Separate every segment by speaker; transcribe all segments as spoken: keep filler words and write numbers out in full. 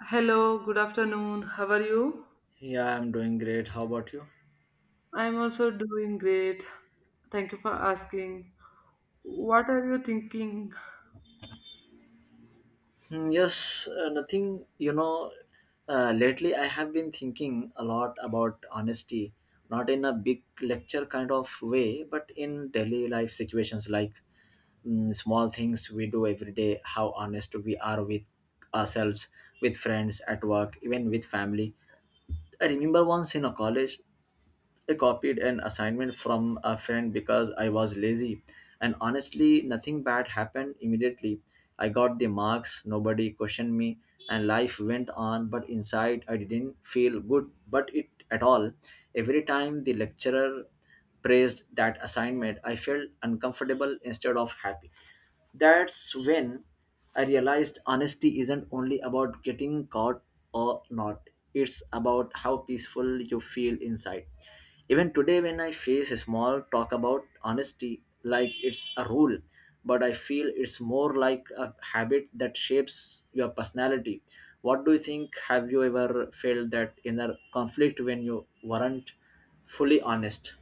Speaker 1: Hello, good afternoon. How are you?
Speaker 2: Yeah, I'm doing great. How about you?
Speaker 1: I'm also doing great. Thank you for asking. What are you thinking?
Speaker 2: Hmm, Yes, uh, nothing. You know, uh, Lately I have been thinking a lot about honesty, not in a big lecture kind of way, but in daily life situations like mm, small things we do every day, how honest we are with ourselves, with friends, at work, even with family. I remember once in a college. I copied an assignment from a friend because I was lazy, and honestly, nothing bad happened immediately. I got the marks, nobody questioned me, and life went on, but inside I didn't feel good, but it at all. Every time the lecturer praised that assignment, I felt uncomfortable instead of happy. That's when I realized honesty isn't only about getting caught or not, it's about how peaceful you feel inside. Even today, when I face a small talk about honesty, like it's a rule, but I feel it's more like a habit that shapes your personality. What do you think? Have you ever felt that inner conflict when you weren't fully honest?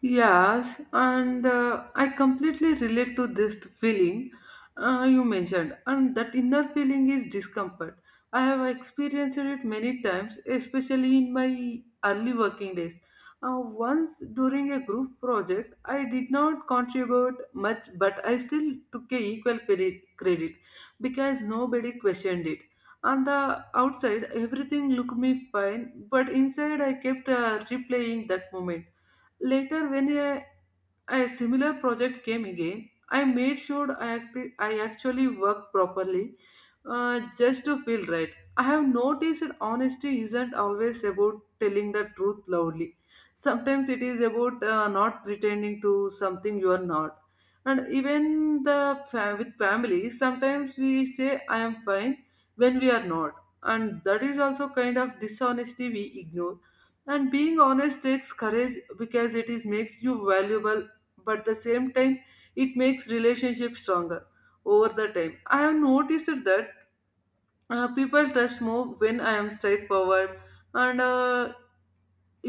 Speaker 1: Yes, and uh, I completely relate to this feeling uh, you mentioned, and that inner feeling is discomfort. I have experienced it many times, especially in my early working days. Uh, once during a group project, I did not contribute much, but I still took a equal credit, credit because nobody questioned it. On the outside, everything looked me fine, but inside, I kept uh, replaying that moment later when uh, a similar project came again. I made sure I, act- I actually worked properly uh, just to feel right. I have noticed that honesty isn't always about telling the truth loudly. Sometimes it is about uh, not pretending to something you are not. And even the fam- with family, sometimes we say I am fine when we are not. And that is also kind of dishonesty we ignore, and being honest takes courage because it is makes you valuable, but at the same time it makes relationships stronger. Over the time, I have noticed that uh, people trust more when I am straightforward, and uh,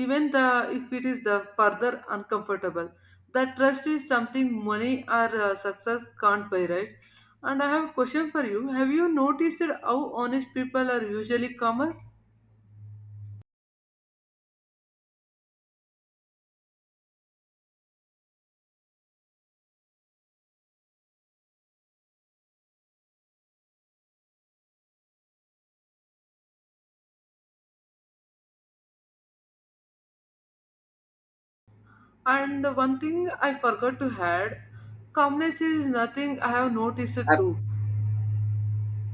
Speaker 1: even the, if it is the further uncomfortable, that trust is something money or uh, success can't buy, right? And I have a question for you. Have you noticed how honest people are usually calmer? And one thing I forgot to add, calmness is nothing I have noticed too.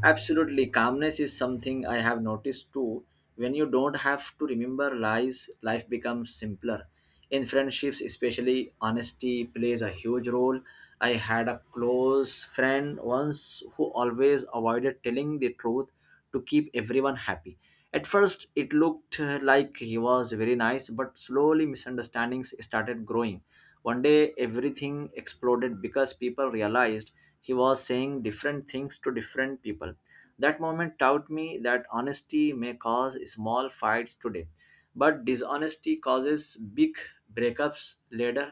Speaker 2: Absolutely, calmness is something I have noticed too. When you don't have to remember lies, life becomes simpler. In friendships, especially, honesty plays a huge role. I had a close friend once who always avoided telling the truth to keep everyone happy. At first, it looked uh, like he was very nice, but slowly misunderstandings started growing. One day, everything exploded because people realized he was saying different things to different people. That moment taught me that honesty may cause small fights today, but dishonesty causes big breakups later.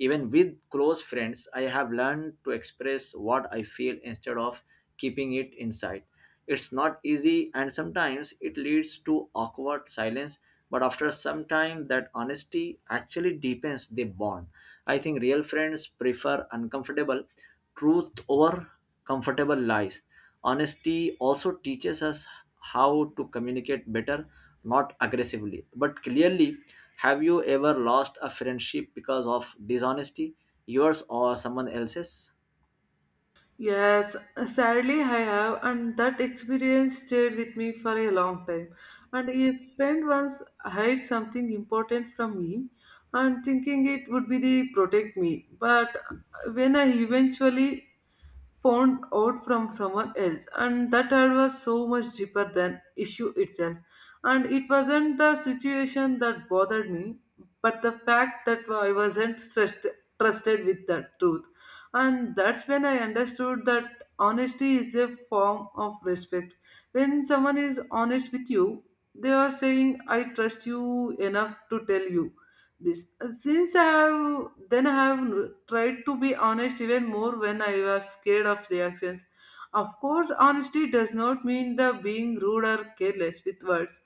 Speaker 2: Even with close friends, I have learned to express what I feel instead of keeping it inside. It's not easy, and sometimes it leads to awkward silence, but after some time, that honesty actually deepens the bond. I think real friends prefer uncomfortable truth over comfortable lies. Honesty also teaches us how to communicate better, not aggressively, but clearly. Have you ever lost a friendship because of dishonesty, yours or someone else's?
Speaker 1: Yes, sadly I have, and that experience stayed with me for a long time. And a friend once hid something important from me, and thinking it would be the protect me. But when I eventually found out from someone else, and that ad was so much deeper than issue itself, and it wasn't the situation that bothered me, but the fact that I wasn't trust- trusted with the truth. And that's when I understood that honesty is a form of respect. When someone is honest with you, they are saying I trust you enough to tell you this. Uh, since I have then, I have n- tried to be honest even more when I was scared of reactions. Of course, honesty does not mean the being rude or careless with words.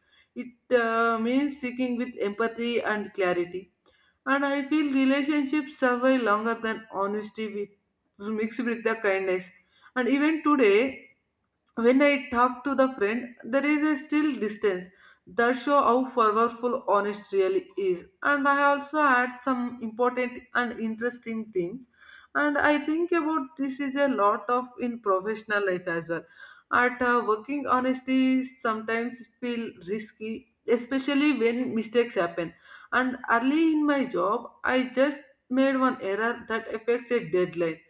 Speaker 1: It uh, means seeking with empathy and clarity, and I feel relationships survive longer than honesty with mixed with the kindness. And even today, when I talk to the friend, there is a still distance, that show how powerful honest really is. And I also had some important and interesting things, and I think about this is a lot of in professional life as well. At uh, working, honesty sometimes feel risky, especially when mistakes happen. And early in my job, I just made one error that affects a deadline.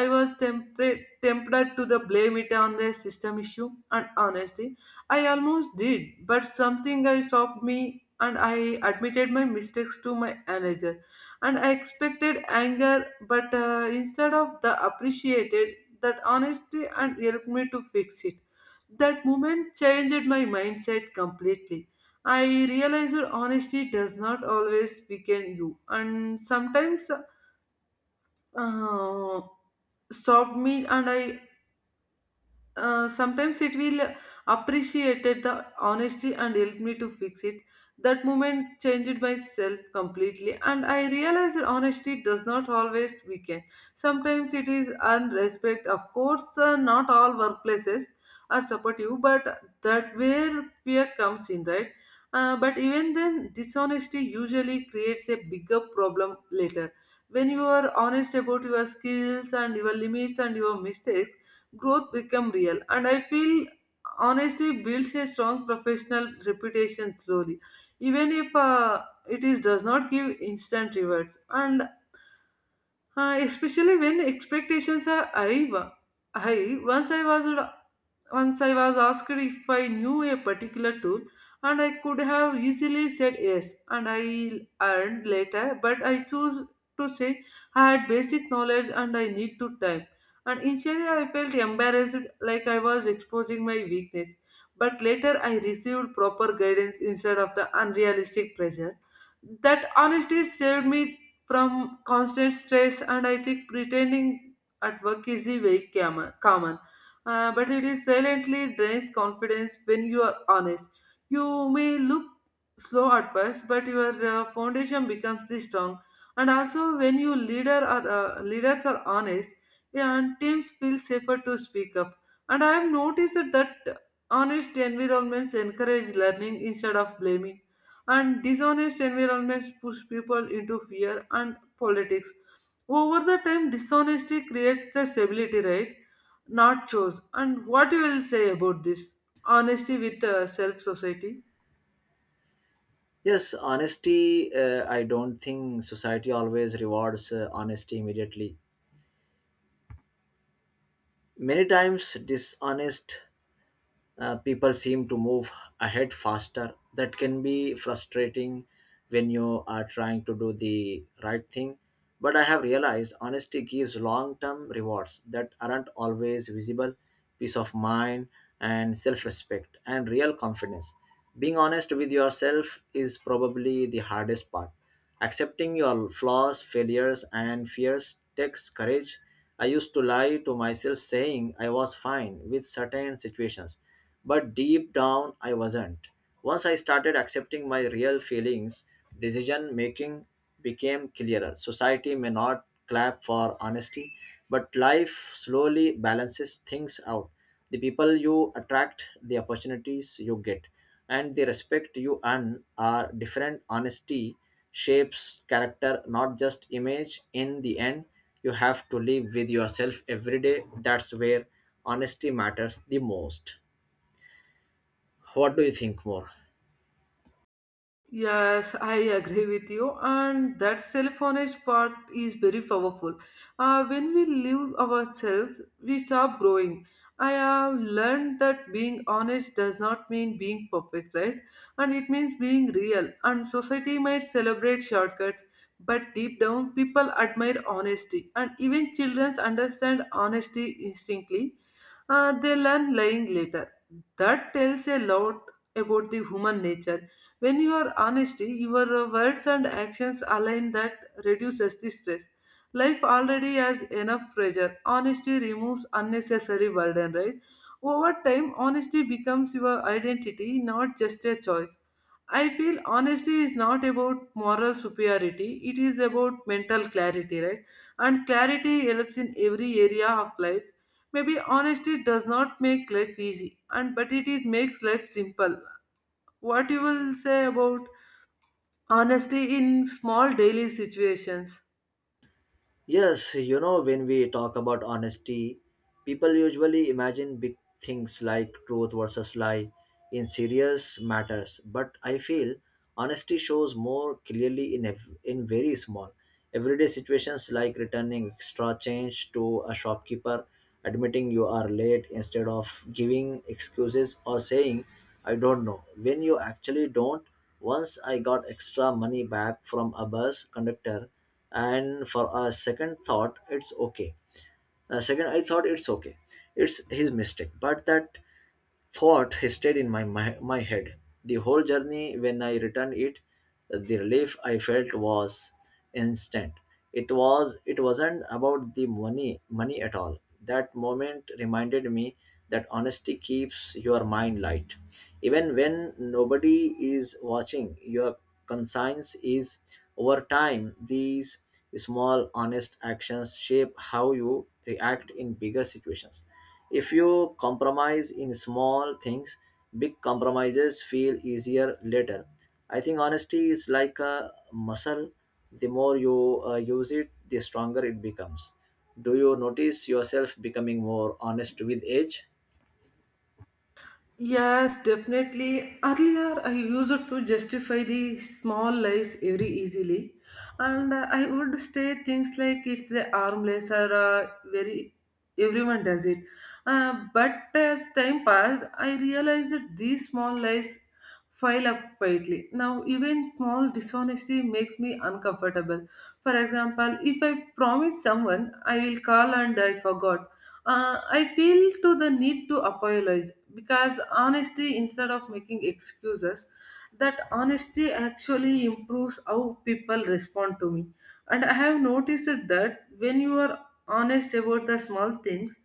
Speaker 1: I was tempted tempted to the blame it on the system issue, and honesty, I almost did, but something I stopped me and I admitted my mistakes to my manager. And I expected anger, but uh, instead of the appreciated that honesty and helped me to fix it. That moment changed my mindset completely. I realized that honesty does not always weaken you, and sometimes uh, stopped me and I uh, sometimes it will appreciated the honesty and help me to fix it. That moment changed myself completely, and I realized that honesty does not always weaken. Sometimes it is unrespect. Of course uh, not all workplaces are supportive, but that where fear comes in, right? Uh, but even then, dishonesty usually creates a bigger problem later. When you are honest about your skills and your limits and your mistakes, growth become real. And I feel honesty builds a strong professional reputation slowly, even if uh, it is does not give instant rewards. And uh, especially when expectations are high, wa- high once I was, once I was asked if I knew a particular tool, and I could have easily said yes, and I learned later, but I chose to say I had basic knowledge and I need to time. And initially, I felt embarrassed like I was exposing my weakness, but later I received proper guidance instead of the unrealistic pressure. That honesty saved me from constant stress, and I think pretending at work is the way calmer. calmer uh, but it is silently drains confidence. When you are honest, you may look slow at first, but your uh, foundation becomes this strong. And also, when you leader are uh, leaders are honest, yeah, and teams feel safer to speak up. And I have noticed that honest environments encourage learning instead of blaming, and dishonest environments push people into fear and politics. Over the time, dishonesty creates the stability, right? Not chose. And what you will say about this honesty with uh, self society?
Speaker 2: Yes, honesty. Uh, I don't think society always rewards uh, honesty immediately. Many times, dishonest uh, people seem to move ahead faster. That can be frustrating when you are trying to do the right thing. But I have realized honesty gives long term rewards that aren't always visible, peace of mind and self respect and real confidence. Being honest with yourself is probably the hardest part. Accepting your flaws, failures, and fears takes courage. I used to lie to myself saying I was fine with certain situations, but deep down I wasn't. Once I started accepting my real feelings, decision making became clearer. Society may not clap for honesty, but life slowly balances things out. The people you attract, the opportunities you get and the respect you earn are different. Honesty shapes character, not just image. In the end you have to live with yourself every day. That's where honesty matters the most. What do you think more?
Speaker 1: Yes, I agree with you, and that self-honest part is very powerful. Uh, when we live ourselves, we stop growing. I have learned that being honest does not mean being perfect, right? And it means being real. And society might celebrate shortcuts, but deep down, people admire honesty, and even children understand honesty instinctively. Uh, they learn lying later. That tells a lot about the human nature. When you are honesty, your uh, words and actions align, that reduces the stress. Life already has enough pressure. Honesty removes unnecessary burden, right? Over time, honesty becomes your identity, not just a choice. I feel honesty is not about moral superiority, it is about mental clarity, right? And clarity helps in every area of life. Maybe honesty does not make life easy, and but it is makes life simple. What you will say about honesty in small daily situations?
Speaker 2: Yes, you know, when we talk about honesty, people usually imagine big things like truth versus lie in serious matters. But I feel honesty shows more clearly in, ev- in very small, everyday situations like returning extra change to a shopkeeper, admitting you are late instead of giving excuses or saying, I don't know, when you actually don't. Once I got extra money back from a bus conductor and for a second thought it's okay a second I thought it's okay, it's his mistake, but that thought stayed in my, my my head the whole journey. When I returned it, the relief I felt was instant. It was it wasn't about the money money at all. That moment reminded me that honesty keeps your mind light even when nobody is watching. Your conscience is. Over time these small honest actions shape how you react in bigger situations. If you compromise in small things, big compromises feel easier later. I think honesty is like a muscle. The more you uh, use it, the stronger it becomes. Do you notice yourself becoming more honest with age?
Speaker 1: Yes, definitely. Earlier, I used to justify the small lies very easily, and uh, I would say things like it's a harmless or uh, very everyone does it. Uh, but as time passed, I realized that these small lies file up quietly. Now, even small dishonesty makes me uncomfortable. For example, if I promise someone I will call and I forgot, uh, I feel to the need to apologize because honesty instead of making excuses, that honesty actually improves how people respond to me. And I have noticed that when you are honest about the small things,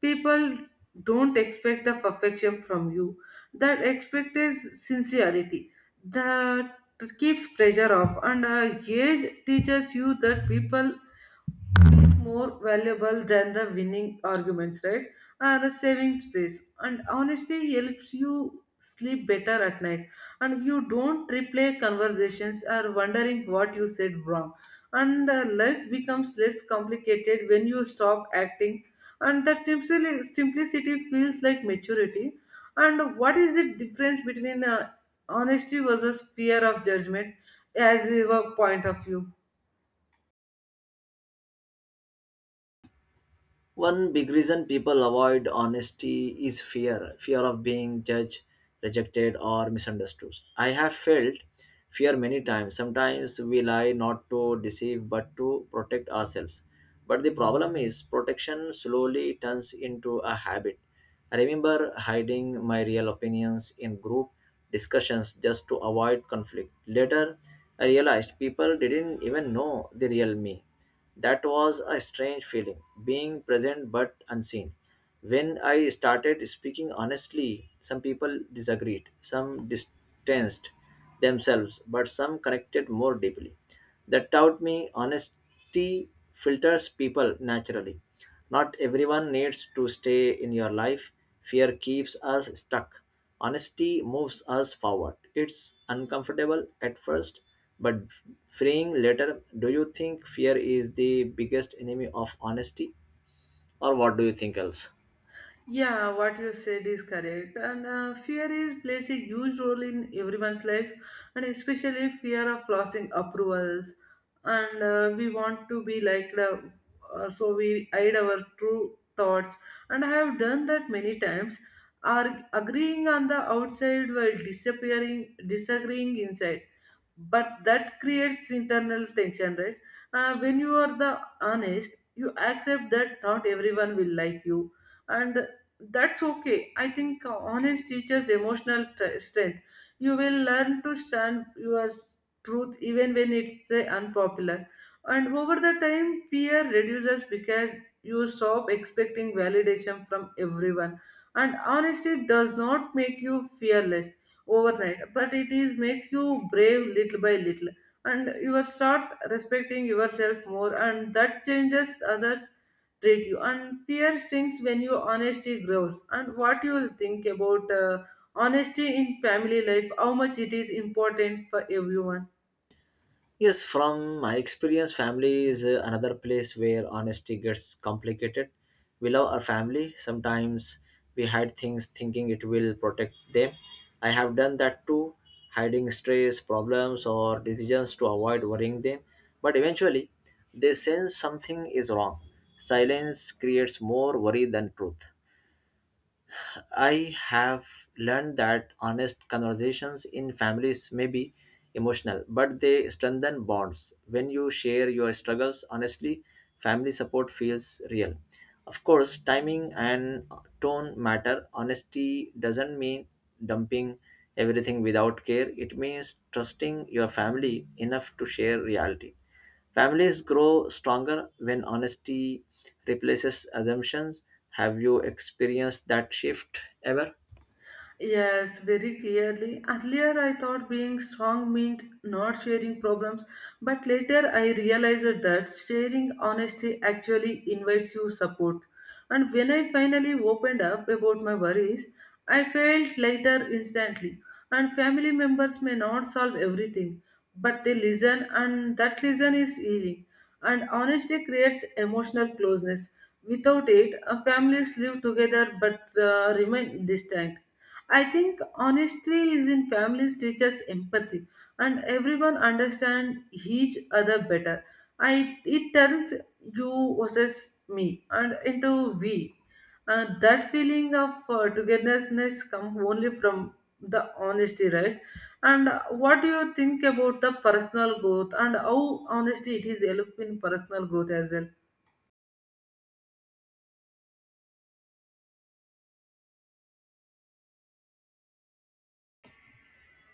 Speaker 1: people don't expect the perfection from you, that expect is sincerity, that keeps pressure off, and uh, gauge teaches you that people is more valuable than the winning arguments, right? And a savings space. And honesty helps you sleep better at night. And you don't replay conversations or wondering what you said wrong. And uh, life becomes less complicated when you stop acting. And that simpli- simplicity feels like maturity. And what is the difference between uh, honesty versus fear of judgment as your point of view?
Speaker 2: One big reason people avoid honesty is fear fear of being judged, rejected, or misunderstood. I have felt fear many times. Sometimes we lie not to deceive but to protect ourselves. But the problem is, protection slowly turns into a habit. I remember hiding my real opinions in group discussions just to avoid conflict. Later, I realized people didn't even know the real me. That was a strange feeling, being present but unseen. When I started speaking honestly, some people disagreed, some distanced themselves, but some connected more deeply. That taught me honesty filters people naturally. Not everyone needs to stay in your life. Fear keeps us stuck. Honesty moves us forward. It's uncomfortable at first, but freeing later. Do you think fear is the biggest enemy of honesty? Or what do you think else?
Speaker 1: Yeah, what you said is correct. And uh, fear is plays a huge role in everyone's life, and especially fear of losing approvals. And uh, we want to be liked, uh, uh, so we hide our true thoughts. And I have done that many times. Are agreeing on the outside while disappearing, disagreeing inside, but that creates internal tension, right? Uh, when you are the honest, you accept that not everyone will like you, and that's okay. I think honest teaches emotional t- strength. You will learn to stand your truth even when it's say, unpopular. And over the time, fear reduces because you stop expecting validation from everyone. And honesty does not make you fearless overnight, but it is makes you brave little by little. And you are start respecting yourself more, and that changes others treat you, and fear stings when your honesty grows. And what you will think about uh, honesty in family life, how much it is important for everyone?
Speaker 2: Yes, from my experience, family is uh, another place where honesty gets complicated. We love our family. Sometimes we hide things thinking it will protect them. I have done that too, hiding stress, problems, or decisions to avoid worrying them. But eventually, they sense something is wrong. Silence creates more worry than truth. I have learned that honest conversations in families may be emotional, but they strengthen bonds. When you share your struggles honestly, family support feels real. Of course, timing and tone matter. Honesty doesn't mean dumping everything without care, it means trusting your family enough to share reality. Families grow stronger when honesty replaces assumptions. Have you experienced that shift ever?
Speaker 1: Yes, very clearly. Earlier, I thought being strong meant not sharing problems, but later I realized that sharing honesty actually invites you support. And when I finally opened up about my worries, I felt lighter instantly. And family members may not solve everything, but they listen, and that listen is healing. And honesty creates emotional closeness. Without it, uh, families live together but uh, remain distant. I think honesty is in families teaches empathy, and everyone understand each other better. I it turns you versus me and into we. And that feeling of uh, togetherness comes only from the honesty, right? And uh, what do you think about the personal growth and how honesty it is helping in personal growth as well?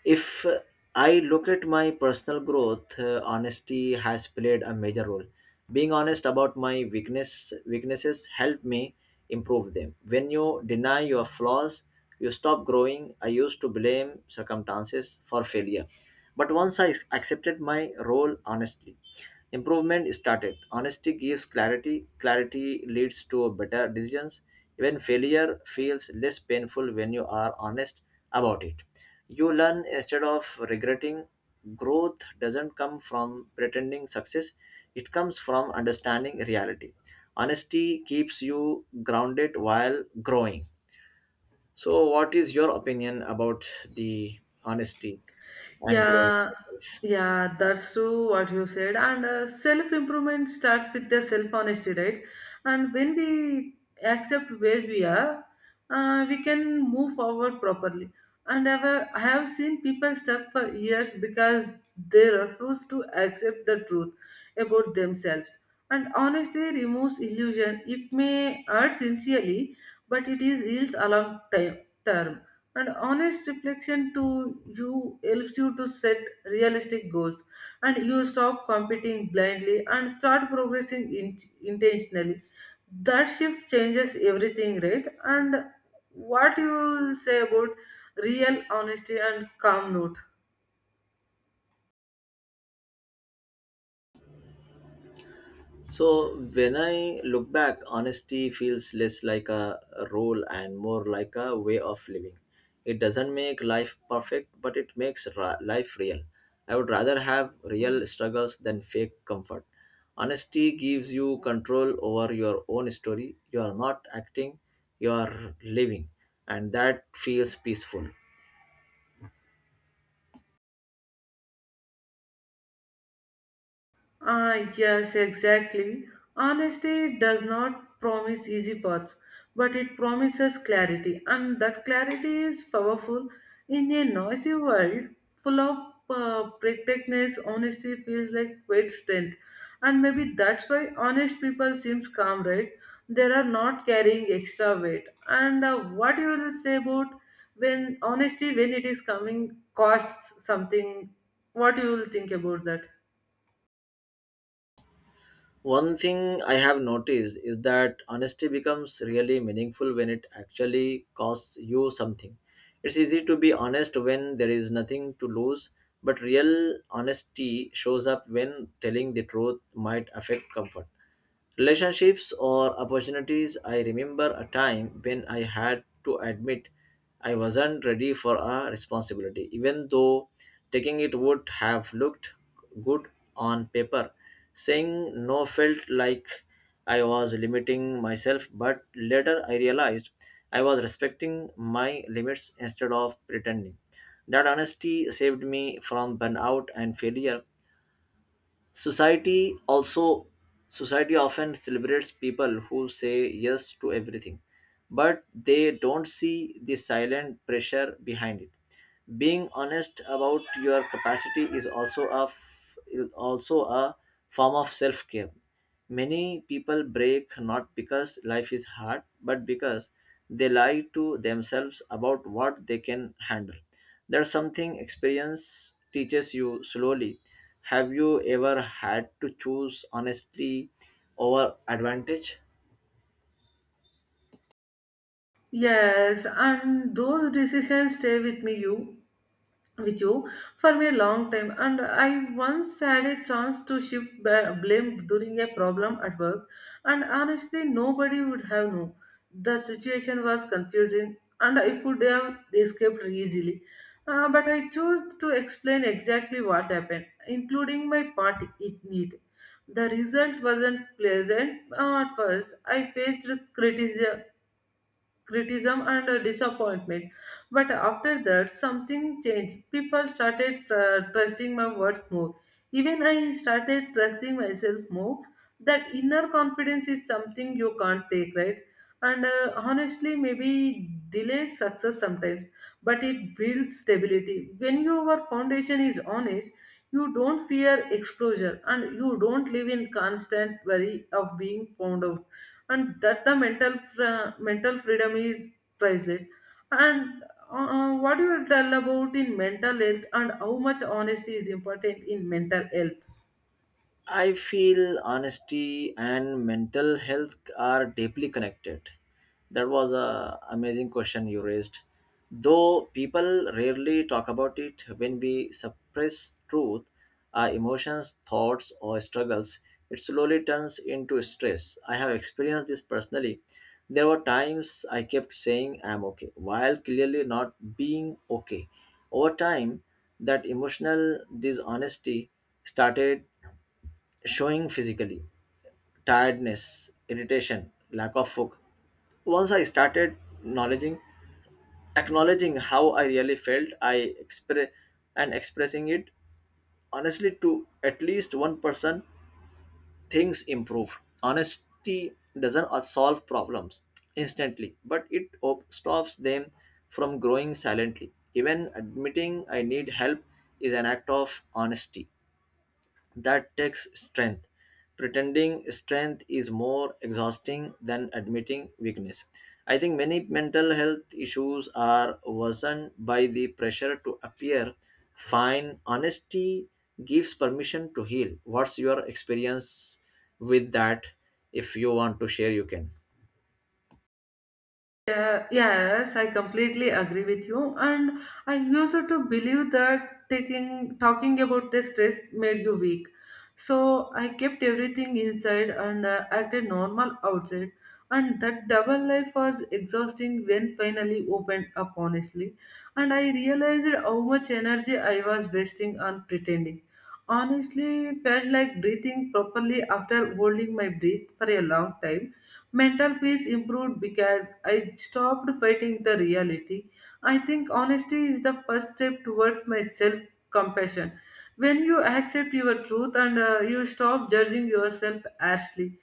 Speaker 2: If uh, I look at my personal growth. Uh, honesty has played a major role. Being honest about my weakness weaknesses helped me improve them. When you deny your flaws, you stop growing. I used to blame circumstances for failure, but once I accepted my role honestly, improvement started. Honesty gives clarity. Clarity leads to better decisions. Even failure feels less painful when you are honest about it. You learn instead of regretting. Growth doesn't come from pretending success, it comes from understanding reality. Honesty keeps you grounded while growing. So, what is your opinion about the honesty and growing
Speaker 1: Yeah,
Speaker 2: yourself?
Speaker 1: yeah, that's true what you said. And uh, self improvement starts with the self honesty, right? And when we accept where we are, uh, we can move forward properly. And I've, uh, I have seen people stuck for years because they refuse to accept the truth about themselves. And honesty removes illusion. It may hurt sincerely, but it is heals a long time term and honest reflection to you helps you to set realistic goals, and you stop competing blindly and start progressing in- intentionally. That shift changes everything, right? And what you will say about real honesty and calm note?
Speaker 2: So when I look back, honesty feels less like a role and more like a way of living. It doesn't make life perfect, but it makes ra- life real. I would rather have real struggles than fake comfort. Honesty gives you control over your own story. You are not acting, you are living, and that feels peaceful.
Speaker 1: Ah, yes, exactly. Honesty does not promise easy paths, but it promises clarity, and that clarity is powerful. In a noisy world full of uh, protectiveness, honesty feels like great strength, and maybe that's why honest people seems calm, right? They are not carrying extra weight. And uh, what you will say about when honesty, when it is coming, costs something? What you will think about that?
Speaker 2: One thing I have noticed is that honesty becomes really meaningful when it actually costs you something. It's easy to be honest when there is nothing to lose, but real honesty shows up when telling the truth might affect comfort, relationships or opportunities. I remember a time when I had to admit I wasn't ready for a responsibility even though taking it would have looked good on paper. Saying no felt like I was limiting myself, but later I realized I was respecting my limits instead of pretending. That honesty saved me from burnout and failure. Society also Society often celebrates people who say yes to everything, but they don't see the silent pressure behind it. Being honest about your capacity is also a f- is also a form of self-care. Many people break not because life is hard, but because they lie to themselves about what they can handle. There's something experience teaches you slowly. Have you ever had to choose honestly over advantage?
Speaker 1: Yes, and those decisions stay with me you with you for me a long time. And I once had a chance to shift ba- blame during a problem at work, and honestly, nobody would have known. The situation was confusing, and I could have escaped easily. Uh, but I chose to explain exactly what happened, including my part in it. The result wasn't pleasant uh, at first. I faced criticism, criticism and uh, disappointment. But after that, something changed. People started uh, trusting my words more. Even I started trusting myself more. That inner confidence is something you can't take, right? And uh, honestly, maybe delay success sometimes, but it builds stability. When your foundation is honest, you don't fear exposure and you don't live in constant worry of being found out, and that the mental fr- mental freedom is priceless. And uh, what you will tell about in mental health and how much honesty is important in mental health?
Speaker 2: I feel honesty and mental health are deeply connected. That was a amazing question you raised. Though people rarely talk about it, when we suppress truth, our emotions, thoughts, or struggles, it slowly turns into stress. I have experienced this personally. There were times I kept saying I'm okay, while clearly not being okay. Over time, that emotional dishonesty started showing physically, tiredness, irritation, lack of focus. Once I started acknowledging, acknowledging how I really felt, I express and expressing it honestly to at least one person, things improve. Honesty doesn't uh, solve problems instantly, but it op- stops them from growing silently. Even admitting I need help is an act of honesty. That takes strength. Pretending strength is more exhausting than admitting weakness. I think many mental health issues are worsened by the pressure to appear fine. Honesty gives permission to heal. What's your experience with that? If you want to share, you can.
Speaker 1: Yeah, yes, I completely agree with you. And I used to believe that taking talking about the stress made you weak. So I kept everything inside and uh, acted normal outside. And that double life was exhausting when finally opened up honestly. And I realized how much energy I was wasting on pretending. Honestly, felt like breathing properly after holding my breath for a long time. Mental peace improved because I stopped fighting the reality. I think honesty is the first step towards my self compassion. When you accept your truth and uh, you stop judging yourself harshly,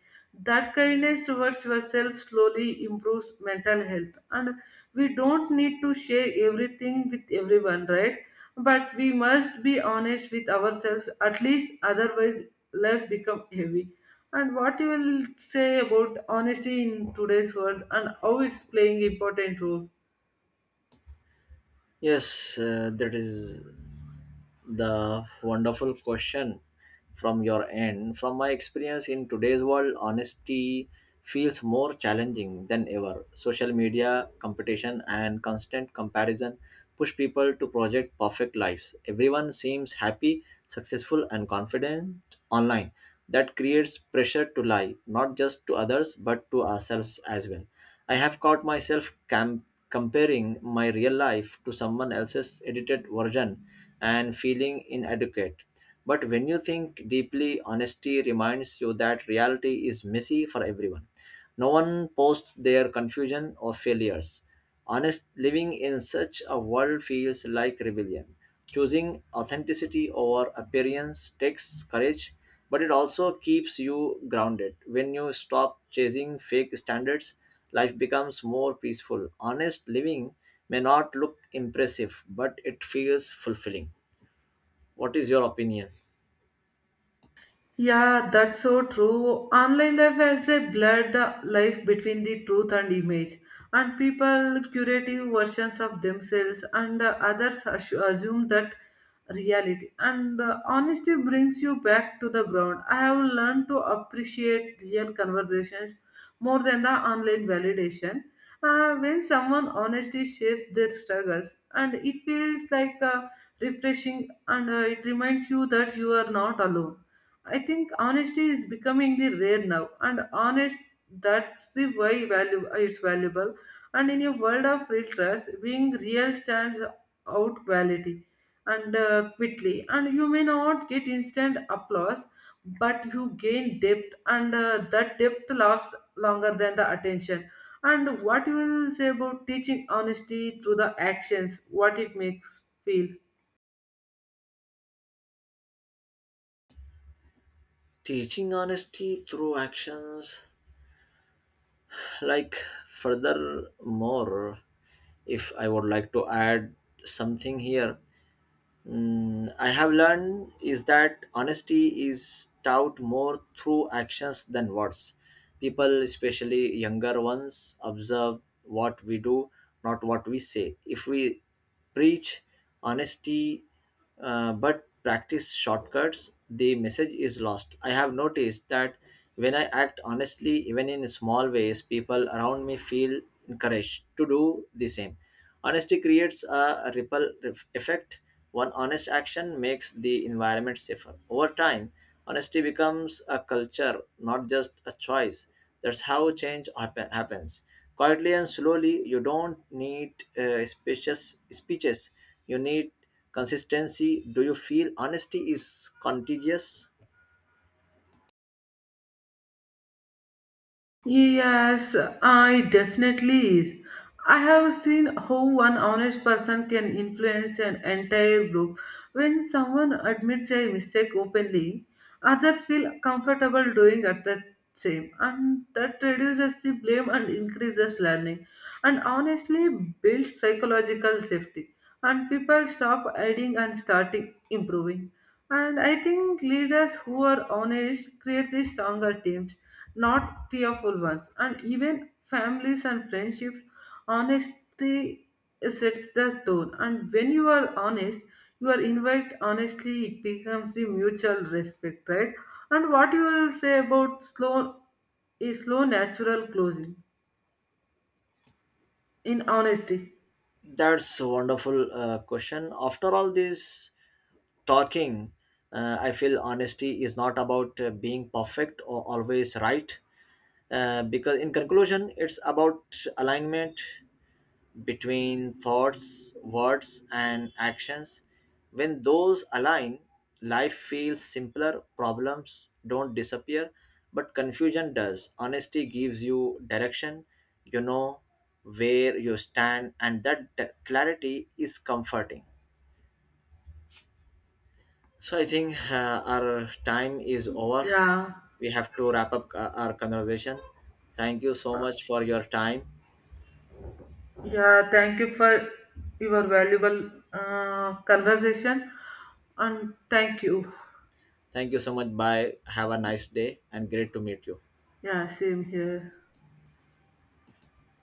Speaker 1: that kindness towards yourself slowly improves mental health. And we don't need to share everything with everyone, right? But we must be honest with ourselves at least, otherwise life become heavy. And what you will say about honesty in today's world and how it's playing important role?
Speaker 2: Yes, uh, that is the wonderful question from your end. From my experience in today's world, honesty feels more challenging than ever. Social media competition and constant comparison push people to project perfect lives. Everyone seems happy, successful, and confident online. That creates pressure to lie, not just to others, but to ourselves as well. I have caught myself cam- comparing my real life to someone else's edited version and feeling inadequate. But when you think deeply, honesty reminds you that reality is messy for everyone. No one posts their confusion or failures. Honest living in such a world feels like rebellion. Choosing authenticity over appearance takes courage, but it also keeps you grounded. When you stop chasing fake standards, life becomes more peaceful. Honest living may not look impressive, but it feels fulfilling. What is your opinion?
Speaker 1: Yeah, that's so true. Online life has they blurred the life between the truth and image, and people curating versions of themselves, and the others assu- assume that reality. And uh, honesty brings you back to the ground. I have learned to appreciate real conversations more than the online validation. Uh, when someone honestly shares their struggles, and it feels like uh, refreshing, and uh, it reminds you that you are not alone. I think honesty is becoming the rare now, and honest that's the why value uh, it's valuable. And in a world of filters, being real stands out quality and uh, quickly. And you may not get instant applause, but you gain depth, and uh, that depth lasts longer than the attention. And what you will say about teaching honesty through the actions, what it makes feel?
Speaker 2: Teaching honesty through actions, like, furthermore, if I would like to add something here, mm, I have learned is that honesty is taught more through actions than words. People, especially younger ones, observe what we do, not what we say. If we preach honesty uh, but practice shortcuts, the message is lost. I have noticed that when I act honestly, even in small ways, people around me feel encouraged to do the same. Honesty creates a ripple ref- effect. One honest action makes the environment safer. Over time, honesty becomes a culture, not just a choice. That's how change happen- happens. Quietly and slowly, you don't need uh, speeches, speeches you need consistency. Do you feel honesty is contagious?
Speaker 1: Yes, I definitely is. I have seen how one honest person can influence an entire group. When someone admits a mistake openly, others feel comfortable doing at the same, and that reduces the blame and increases learning. And honestly builds psychological safety, and people stop hiding and starting improving. And I think leaders who are honest create the stronger teams, not fearful ones. And even families and friendships, honesty sets the tone, and when you are honest you are invite honestly, it becomes the mutual respect, right? And what you will say about slow is slow natural closing in honesty?
Speaker 2: That's a wonderful uh, question. After all this talking, uh, I feel honesty is not about uh, being perfect or always right. Uh, because in conclusion, it's about alignment between thoughts, words, and actions. When those align, life feels simpler, problems don't disappear, but confusion does. Honesty gives you direction, you know where you stand, and that d- clarity is comforting. So, I think uh, our time is over.
Speaker 1: Yeah,
Speaker 2: We have to wrap up uh, our conversation. Thank you so much for your time.
Speaker 1: yeah, thank you for your valuable uh, conversation, and thank you.
Speaker 2: Thank you so much. Bye. Have a nice day and great to meet you.
Speaker 1: Yeah, same here.